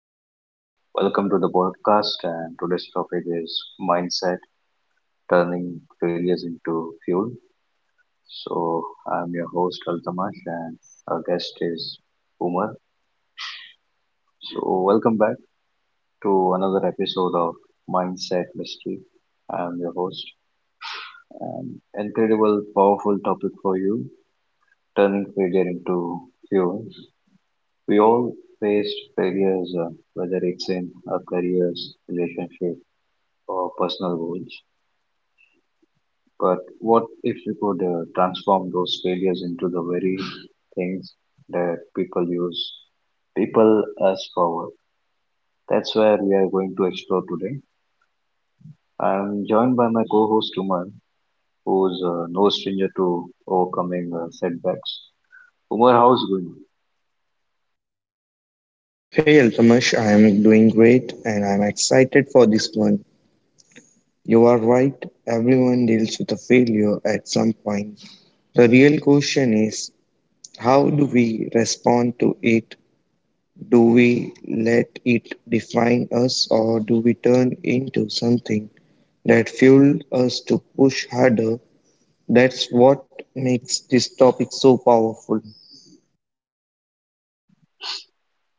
uh, welcome to the podcast. And today's topic is mindset, turning failures into fuel. So, I'm your host Altamash, and our guest is Umar. So, welcome back to another episode of Mindset Mystery. I'm your host, and incredible, powerful topic for you, turning failure into fuel. We all face failures, whether it's in our careers, relationships or personal goals. But what if you could transform those failures into the very things that people use, people as forward? That's where we are going to explore today. I'm joined by my co-host Umar, who's no stranger to overcoming setbacks. Umar, how's it going? Hey Altamash, I am doing great and I'm excited for this one. You are right, everyone deals with a failure at some point. The real question is how do we respond to it? Do we let it define us or do we turn into something that fueled us to push harder? That's what makes this topic so powerful.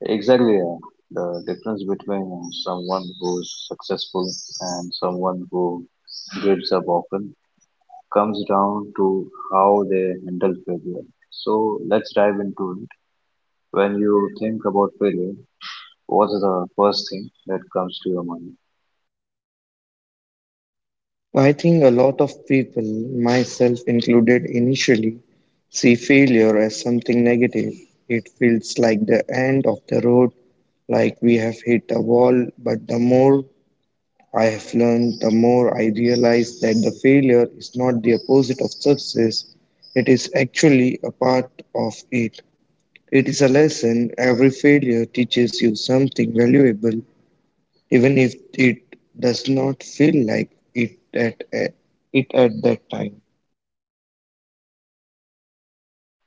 Exactly. The difference between someone who's successful and someone who gives up often comes down to how they handle failure. So let's dive into it. When you think about failure, what is the first thing that comes to your mind? I think a lot of people, myself included, initially see failure as something negative. It feels like the end of the road, like we have hit a wall. But the more I have learned, the more I realize that the failure is not the opposite of success, it is actually a part of it. It is a lesson. Every failure teaches you something valuable even if it does not feel like it at a- it at that time.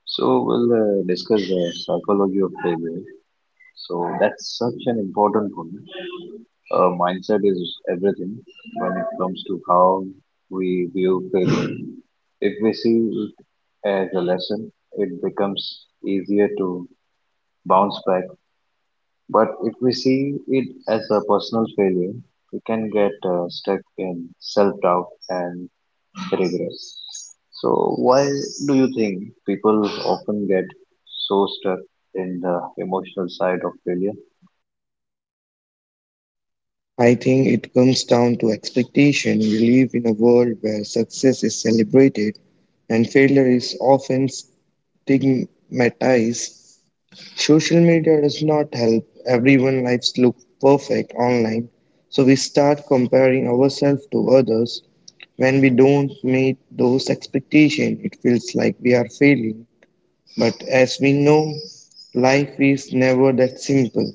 So we'll discuss the psychology of failure. So that's such an important point. Mindset is everything when it comes to how we view failure. If we see it as a lesson, it becomes easier to bounce back. But if we see it as a personal failure, we can get stuck in self doubt and regret. So, why do you think people often get so stuck in the emotional side of failure? I think it comes down to expectation. We live in a world where success is celebrated and failure is often stigmatized. Social media does not help. Everyone lives look perfect online, so we start comparing ourselves to others. When we don't meet those expectations, it feels like we are failing. But as we know, life is never that simple.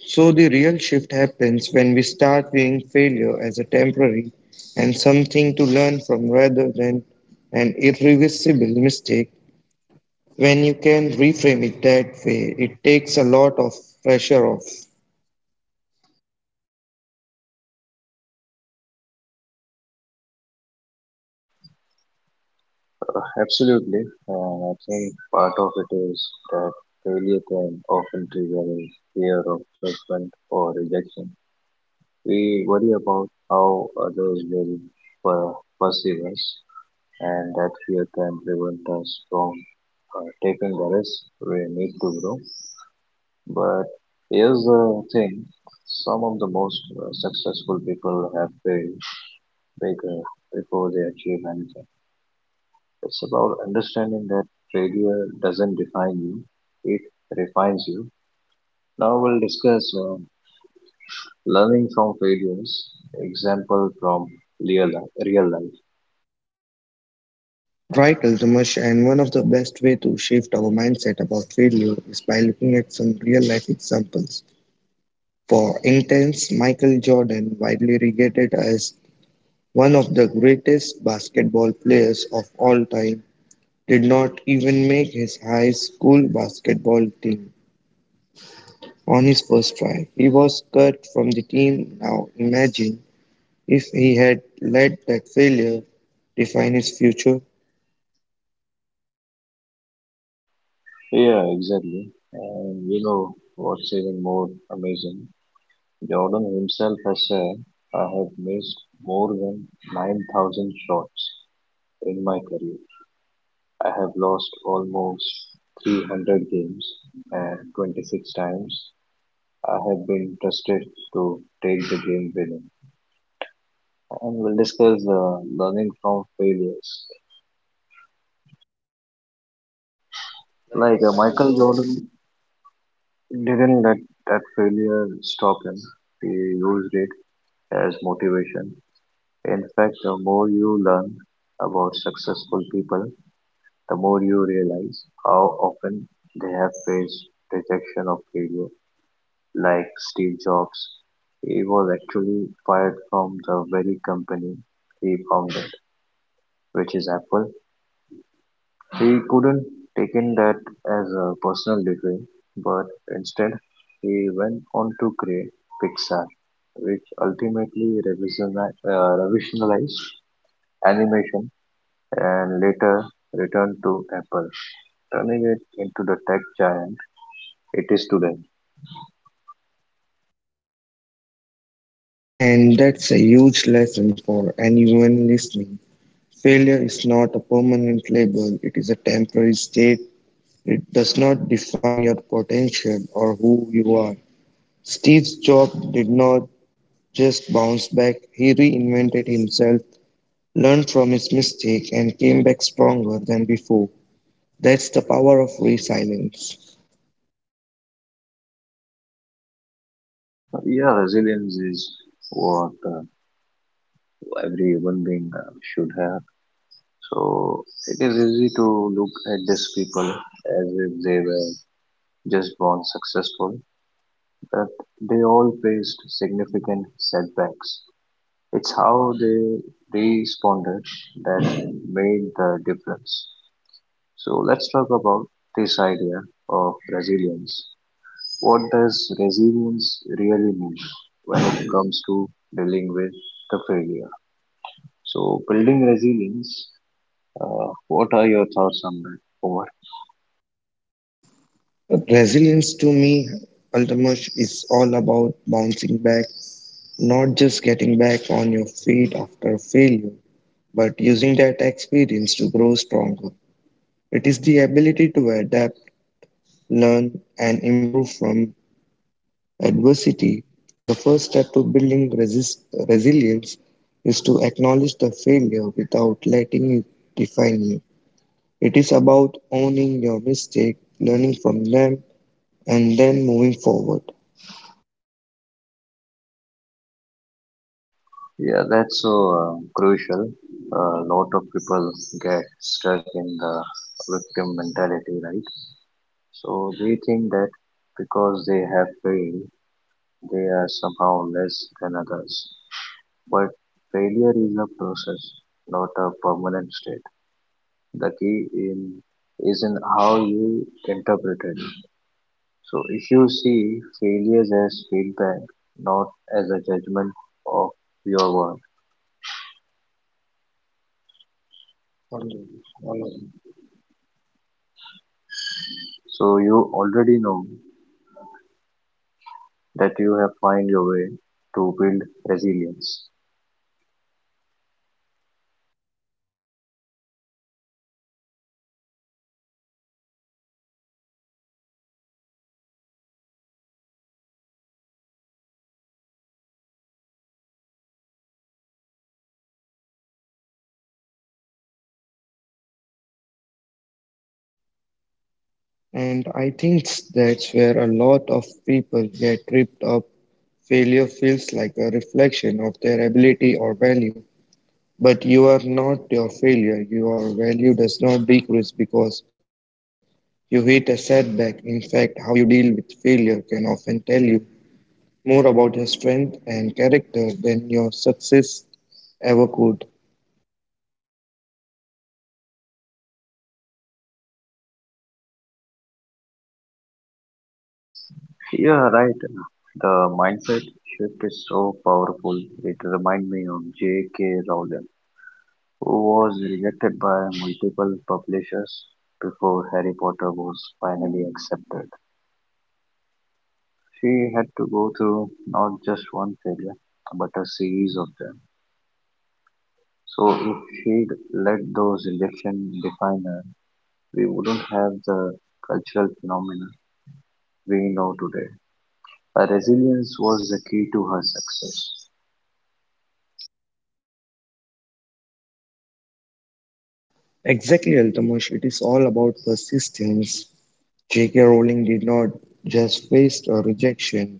So the real shift happens when we start viewing failure as a temporary and something to learn from rather than an irreversible mistake. When you can reframe it that way, it takes a lot of pressure off. Absolutely. And I think part of it is that failure can often trigger a fear of judgment or rejection. We worry about how others will per- perceive us, and that fear can prevent us from taking the risk we need to grow. But here's the thing, some of the most successful people have failed bigger before they achieve anything. It's about understanding that failure doesn't define you, it refines you. Now we'll discuss learning from failures, example from real life. Right, Altamash, and one of the best way to shift our mindset about failure is by looking at some real life examples. For instance, Michael Jordan, widely regarded as one of the greatest basketball players of all time did not even make his high school basketball team on his first try. He was cut from the team. Now imagine if he had let that failure define his future. Yeah, exactly. And you know what's even more amazing? Jordan himself has said, "I have missed more than 9,000 shots in my career. I have lost almost 300 games, and 26 times I have been trusted to take the game winning." And we'll discuss learning from failures. Like Michael Jordan didn't let that failure stop him. He used it as motivation. In fact, the more you learn about successful people, the more you realize how often they have faced rejection of failure. Like Steve Jobs, he was actually fired from the very company he founded, which is Apple. He couldn't take in that as a personal defeat, but instead he went on to create Pixar, which ultimately revolutionized animation and later returned to Apple, turning it into the tech giant it is today. And that's a huge lesson for anyone listening. Failure is not a permanent label, it is a temporary state. It does not define your potential or who you are. Steve Jobs did not just bounced back. He reinvented himself, learned from his mistake, and came back stronger than before. That's the power of resilience. Yeah, resilience is what every human being should have. So it is easy to look at these people as if they were just born successful, but they all faced significant setbacks. It's how they responded that made the difference. So let's talk about this idea of resilience. What does resilience really mean when it comes to dealing with the failure? So, building resilience, what are your thoughts on that? Over. Resilience to me, Ultimus, is all about bouncing back, not just getting back on your feet after failure, but using that experience to grow stronger. It is the ability to adapt, learn, and improve from adversity, the first step to building resilience is to acknowledge the failure without letting it define you. It is about owning your mistake, learning from them, and then moving forward. Yeah, that's so crucial. A lot of people get stuck in the victim mentality, right? So, they think that because they have failed, they are somehow less than others. But failure is a process, not a permanent state. The key in is in how you interpret it. So if you see failures as feedback, not as a judgment of your work. So you already know that you have find your way to build resilience. And I think that's where a lot of people get tripped up. Failure feels like a reflection of their ability or value. But you are not your failure. Your value does not decrease because you hit a setback. In fact, how you deal with failure can often tell you more about your strength and character than your success ever could. You are right. The mindset shift is so powerful. It reminds me of J.K. Rowling, who was rejected by multiple publishers before Harry Potter was finally accepted. She had to go through not just one failure, but a series of them. So, if she'd let those rejections define her, we wouldn't have the cultural phenomena we know today. Her resilience was the key to her success. Exactly, Altamush. It is all about persistence. J.K. Rowling did not just face a rejection,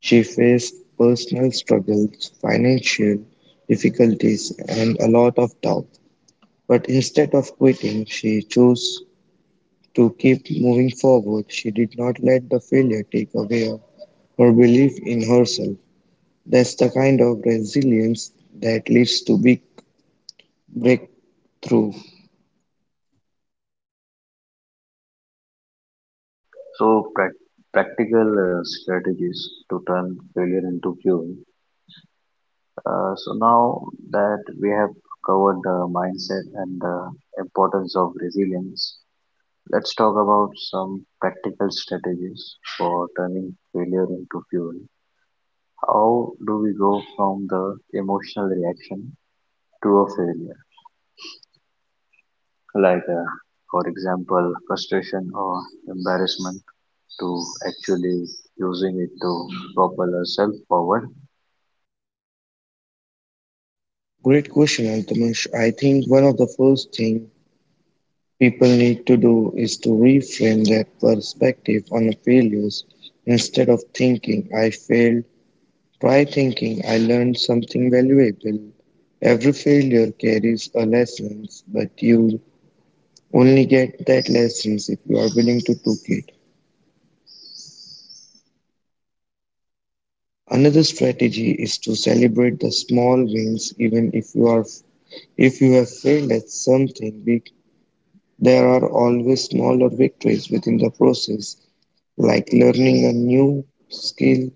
she faced personal struggles, financial difficulties, and a lot of doubt. But instead of quitting, she chose to keep moving forward. She did not let the failure take away her belief in herself. That's the kind of resilience that leads to big breakthrough. So, practical strategies to turn failure into fuel. So, now that we have covered the mindset and the importance of resilience, let's talk about some practical strategies for turning failure into fuel. How do we go from the emotional reaction to a failure? Like, uh, for example, frustration or embarrassment to actually using it to propel ourselves forward. Great question, Altamash. I think one of the first things people need to do is to reframe their perspective on failures instead of thinking I failed, try thinking I learned something valuable. Every failure carries a lesson, but you only get that lessons if you are willing to take it. Another strategy is to celebrate the small wins even if you are if you have failed at something big. There are always smaller victories within the process, like learning a new skill,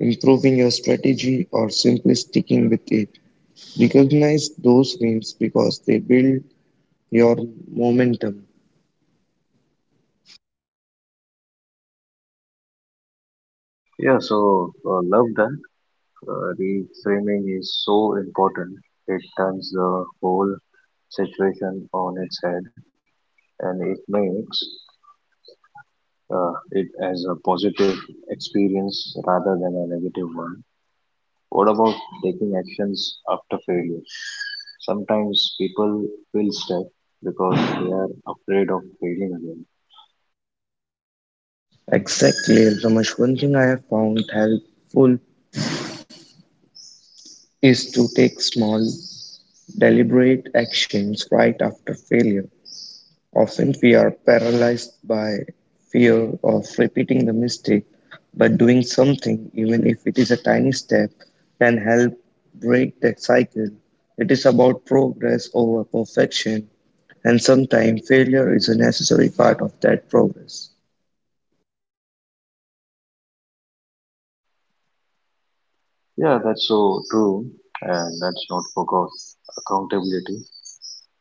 improving your strategy, or simply sticking with it. Recognize those wins because they build your momentum. Yeah, so love that. Reframing is so important. It turns the whole situation on its head, and it makes it as a positive experience rather than a negative one. What about taking actions after failure? Sometimes people feel stuck because they are afraid of failing again. Exactly, Ramesh. One thing I have found helpful is to take small, deliberate actions right after failure. Often we are paralyzed by fear of repeating the mistake, but doing something, even if it is a tiny step, can help break that cycle. It is about progress over perfection, and sometimes failure is a necessary part of that progress. Yeah, that's so true, and that's not forgot accountability.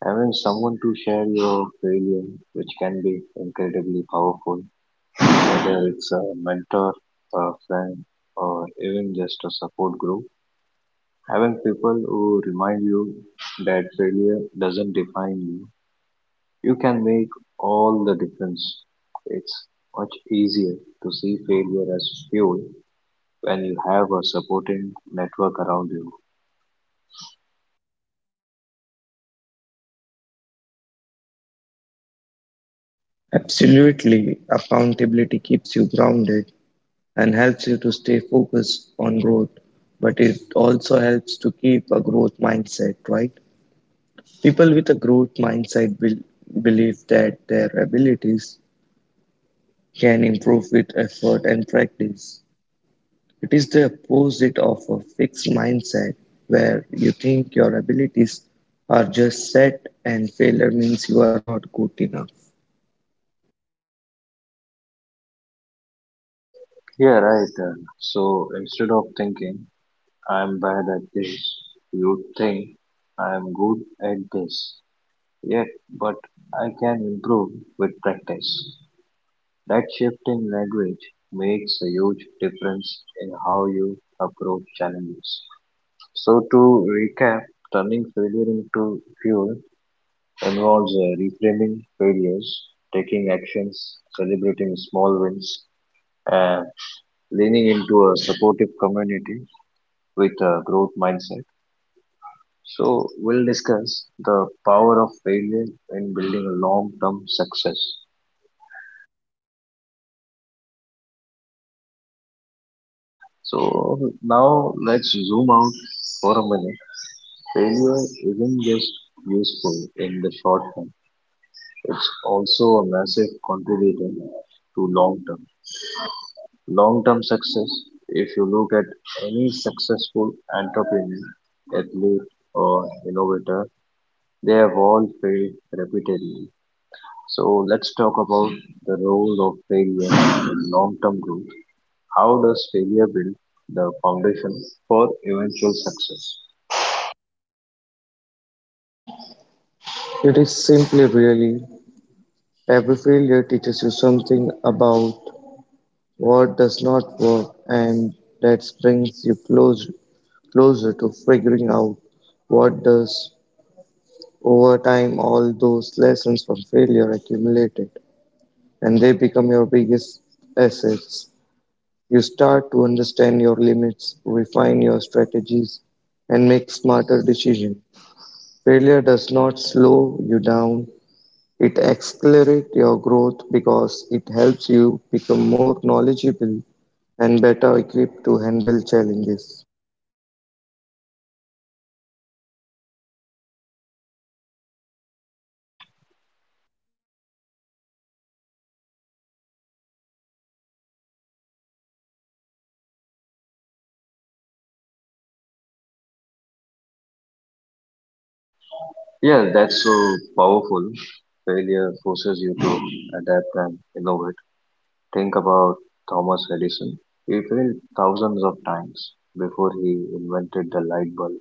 Having someone to share your failure, which can be incredibly powerful, whether it's a mentor, a friend, or even just a support group, having people who remind you that failure doesn't define you, you can make all the difference. It's much easier to see failure as fuel when you have a supporting network around you. Absolutely, accountability keeps you grounded and helps you to stay focused on growth, but it also helps to keep a growth mindset, right? People with a growth mindset will believe that their abilities can improve with effort and practice. It is the opposite of a fixed mindset where you think your abilities are just set and failure means you are not good enough. Yeah, right. So instead of thinking, "I'm bad at this," you think, "I'm good at this. Yet, but I can improve with practice." That shift in language makes a huge difference in how you approach challenges. So, to recap, turning failure into fuel involves reframing failures, taking actions, celebrating small wins, and leaning into a supportive community with a growth mindset. So, we'll discuss the power of failure in building long term success. So, now let's zoom out for a minute. Failure isn't just useful in the short term, it's also a massive contributor to long term success. If you look at any successful entrepreneur, athlete, or innovator, they have all failed repeatedly. So let's talk about the role of failure in long term growth. How does failure build the foundation for eventual success? It is simply really every failure teaches you something about what does not work, and that brings you closer to figuring out what does. Over time, all those lessons from failure accumulated, and they become your biggest assets. You start to understand your limits, refine your strategies, and make smarter decisions. Failure does not slow you down, it accelerates your growth because it helps you become more knowledgeable and better equipped to handle challenges. Yeah, that's so powerful. Failure forces you to adapt and innovate. Think about Thomas Edison. He failed thousands of times before he invented the light bulb,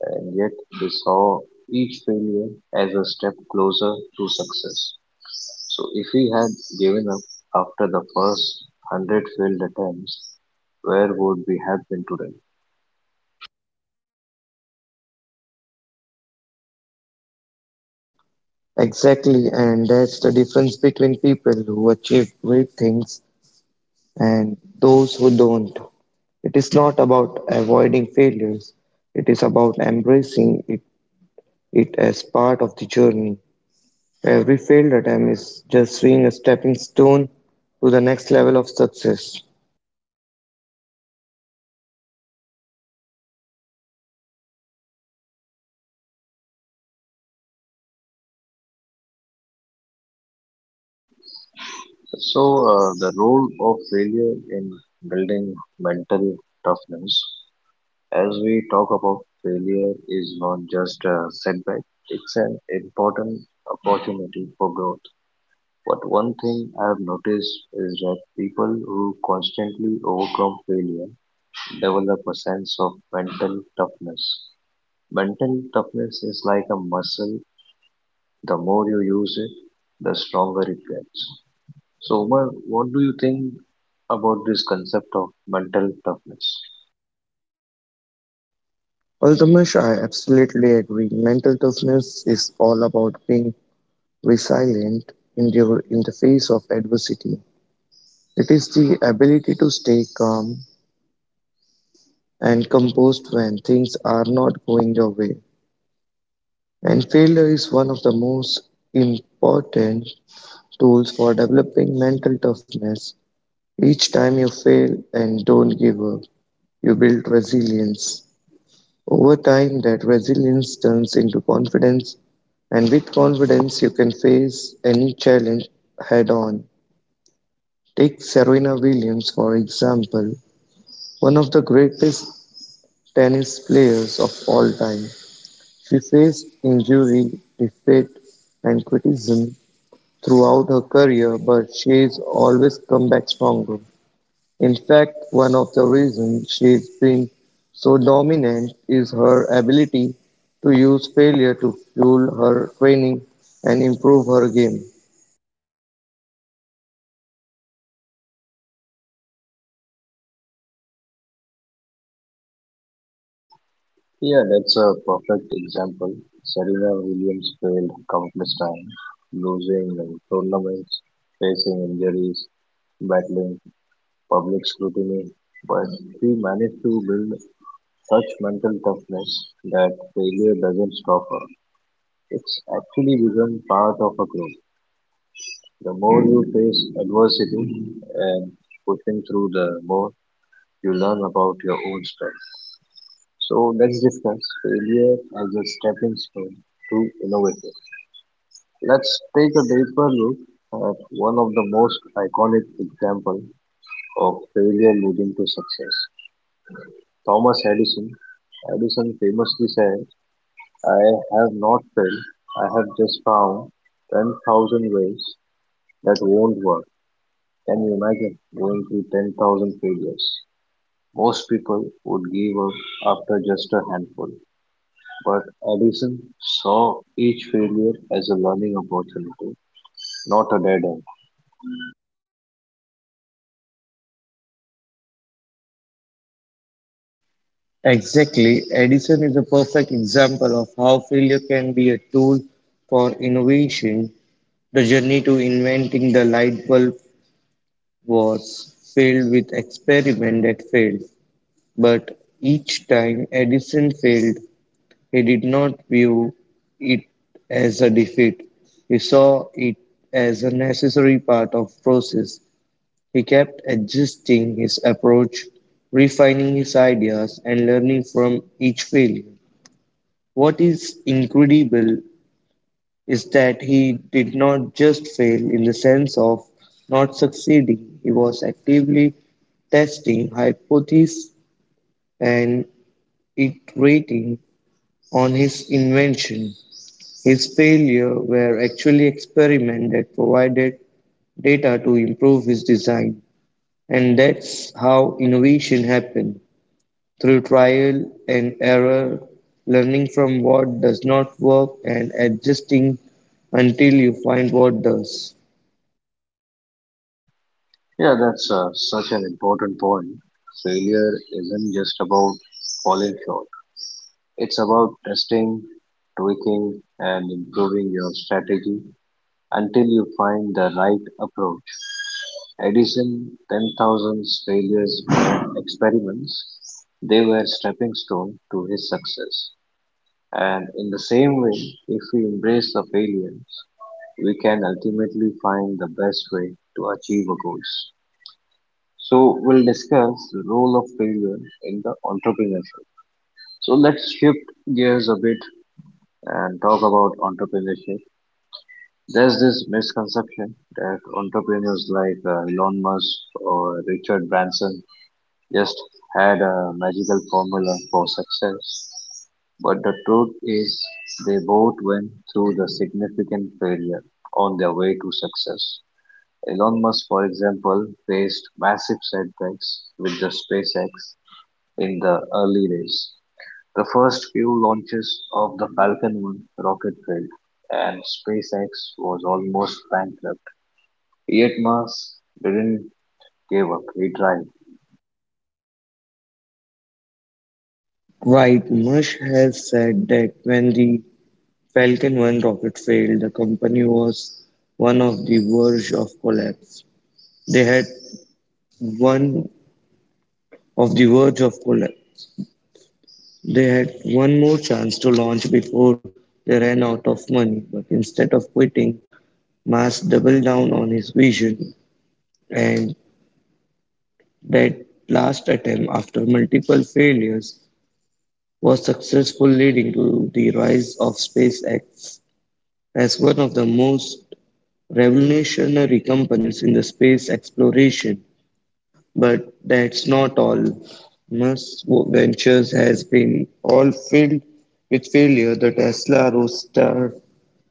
and yet he saw each failure as a step closer to success. So, if he had given up after the first hundred failed attempts, where would we have been today? Exactly, and that's the difference between people who achieve great things and those who don't. It is not about avoiding failures, it is about embracing it, it as part of the journey. Every failed attempt is just being a stepping stone to the next level of success. So, the role of failure in building mental toughness. As we talk about, failure is not just a setback, it's an important opportunity for growth. But one thing I have noticed is that people who constantly overcome failure develop a sense of mental toughness. Mental toughness is like a muscle, the more you use it, the stronger it gets. So, Umar, what do you think about this concept of mental toughness? Well, Damish, I absolutely agree. Mental toughness is all about being resilient in the face of adversity. It is the ability to stay calm and composed when things are not going your way. And failure is one of the most important tools for developing mental toughness. Each time you fail and don't give up, you build resilience. Over time, that resilience turns into confidence, and with confidence, you can face any challenge head on. Take Serena Williams, for example, one of the greatest tennis players of all time. She faced injury, defeat, and criticism throughout her career, but she has always come back stronger. In fact, one of the reasons she's been so dominant is her ability to use failure to fuel her training and improve her game. Yeah, that's a perfect example. Serena Williams failed countless times, losing in tournaments, facing injuries, battling public scrutiny, but she managed to build such mental toughness that failure doesn't stop her. It's actually become part of her growth. The more you face adversity and pushing through, the more you learn about your own strength. So let's discuss failure as a stepping stone to innovation. Let's take a deeper look at one of the most iconic examples of failure leading to success. Thomas Edison. Edison famously said, "I have not failed, I have just found 10,000 ways that won't work." Can you imagine going through 10,000 failures? Most people would give up after just a handful. But Edison saw each failure as a learning opportunity, not a dead end. Exactly. Edison is a perfect example of how failure can be a tool for innovation. The journey to inventing the light bulb was filled with experiments that failed, but each time Edison failed, he did not view it as a defeat. He saw it as a necessary part of process. He kept adjusting his approach, refining his ideas and learning from each failure. What is incredible is that he did not just fail in the sense of not succeeding. He was actively testing hypotheses and iterating on his invention. His failures were actually experiments that provided data to improve his design, and that's how innovation happened through trial and error, learning from what does not work and adjusting until you find what does. Yeah, that's such an important point. Failure isn't just about falling short, it's about testing, tweaking, and improving your strategy until you find the right approach. Edison 10,000's failures were experiments, they were stepping stone to his success. And in the same way, if we embrace the failures, we can ultimately find the best way to achieve our goals. So, we'll discuss the role of failure in the entrepreneurship. So, let's shift gears a bit and talk about entrepreneurship. There's this misconception that entrepreneurs like Elon Musk or Richard Branson just had a magical formula for success. But the truth is, they both went through the significant failure on their way to success. Elon Musk, for example, faced massive setbacks with the SpaceX in the early days. The first few launches of the Falcon 1 rocket failed, and SpaceX was almost bankrupt. Yet Musk didn't give up. He tried. Right, Mush has said that when the Falcon 1 rocket failed, the company was one of the verge of collapse. They had one of the verge of collapse. They had one more chance to launch before they ran out of money, but instead of quitting, Mas doubled down on his vision, and that last attempt, after multiple failures, was successful, leading to the rise of SpaceX as one of the most revolutionary companies in the space exploration. But that's not all. Musk Ventures has been all filled with failure. The Tesla Roadster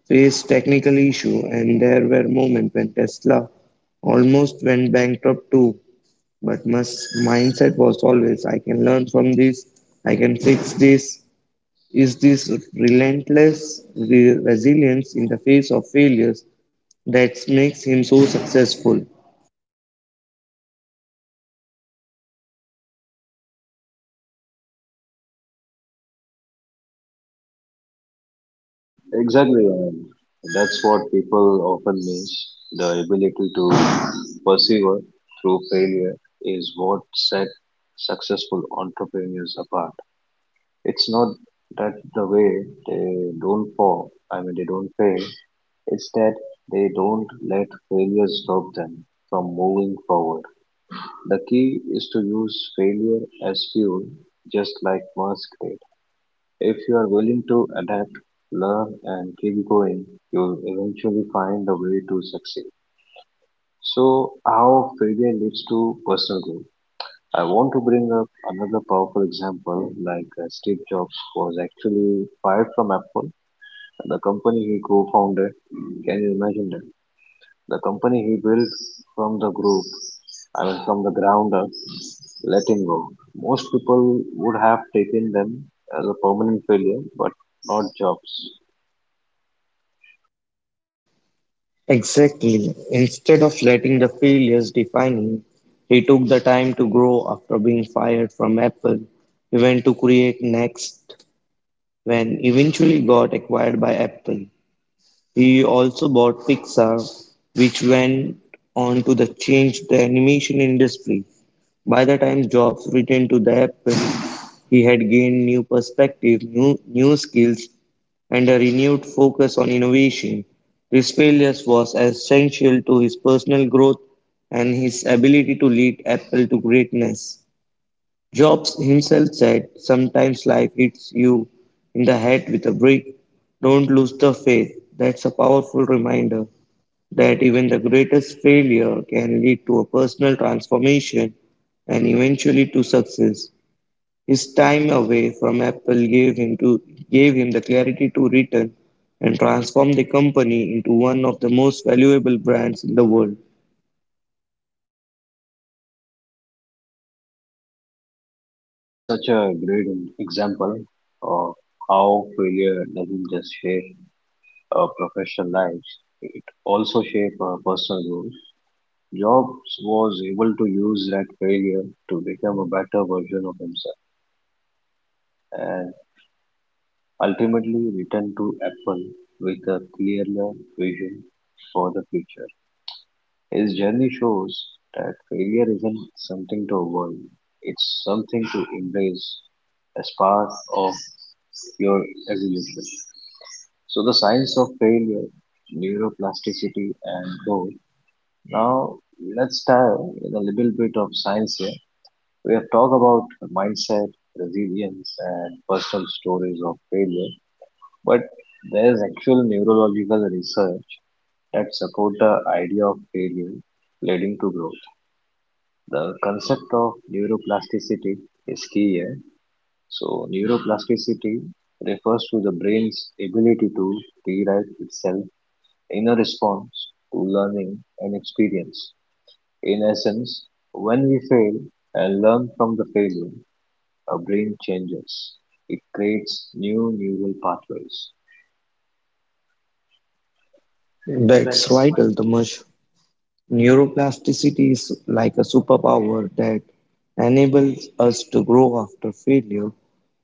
faced technical issue and there were moments when Tesla almost went bankrupt too. But my mindset was always I can learn from this, I can fix this. Is this relentless resilience in the face of failures that makes him so successful? Exactly, and that's what people often miss. The ability to persevere through failure is what set successful entrepreneurs apart. It's not that the way they don't fall, I mean, they don't fail, it's that they don't let failure stop them from moving forward. The key is to use failure as fuel, just like Musk did. If you are willing to adapt, learn, and keep going, you'll eventually find a way to succeed. So, how failure leads to personal growth. I want to bring up another powerful example like Steve Jobs was actually fired from Apple, the company he co founded. Can you imagine that? The company he built from the group, I mean, from the ground up, let him go. Most people would have taken them as a permanent failure, but not Jobs. Exactly. Instead of letting the failures define him, he took the time to grow after being fired from Apple. He went to create Next when eventually got acquired by Apple. He also bought Pixar, which went on to the change the animation industry. By the time Jobs returned to the Apple, he had gained new perspective, new skills, and a renewed focus on innovation. His failures was essential to his personal growth and his ability to lead Apple to greatness. Jobs himself said, sometimes life hits you in the head with a brick. Don't lose the faith. That's a powerful reminder that even the greatest failure can lead to a personal transformation and eventually to success. His time away from Apple gave him to gave him the clarity to return and transform the company into one of the most valuable brands in the world. Yeah, such a great example of how failure doesn't just shape our professional lives, it also shapes our personal goals. Jobs was able to use that failure to become a better version of himself and ultimately return to Apple with a clearer vision for the future. His journey shows that failure isn't something to avoid, it's something to embrace as part of your evolution. So, the science of failure, neuroplasticity, and growth. Now, let's dive in a little bit of science here. We have talked about mindset, resilience, and personal stories of failure, but there is actual neurological research that support the idea of failure leading to growth. The concept of neuroplasticity is key here. So, neuroplasticity refers to the brain's ability to rewrite itself in a response to learning and experience. In essence, when we fail and learn from the failure, our brain changes. It creates new neural pathways. That's That's right, Altamash. Neuroplasticity is like a superpower that enables us to grow after failure.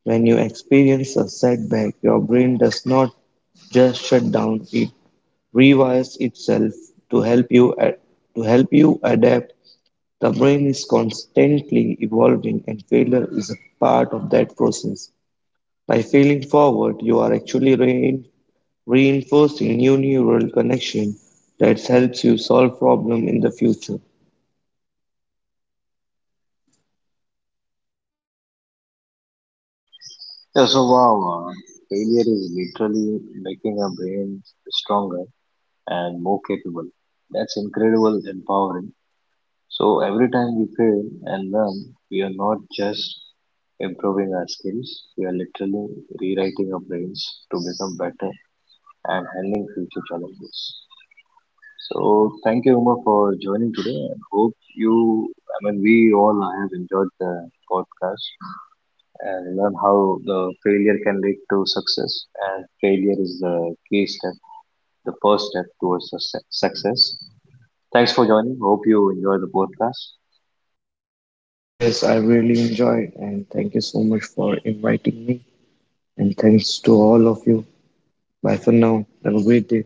When you experience a setback, your brain does not just shut down, it rewires itself to help you a- to help you adapt. The brain is constantly evolving and failure is a part of that process. By failing forward, you are actually reinforcing new neural connection that helps you solve problem in the future. Yeah, so wow, failure is literally making our brain stronger and more capable. That's incredible, empowering. So every time we fail and learn, we are not just improving our skills, we are literally rewriting our brains to become better and handling future challenges. So thank you, Uma, for joining today. And hope we all have enjoyed the podcast and learn how the failure can lead to success. And failure is the key step, the first step towards success. Thanks for joining. Hope you enjoy the podcast. Yes, I really enjoyed, and thank you so much for inviting me. And thanks to all of you. Bye for now. Have a great day.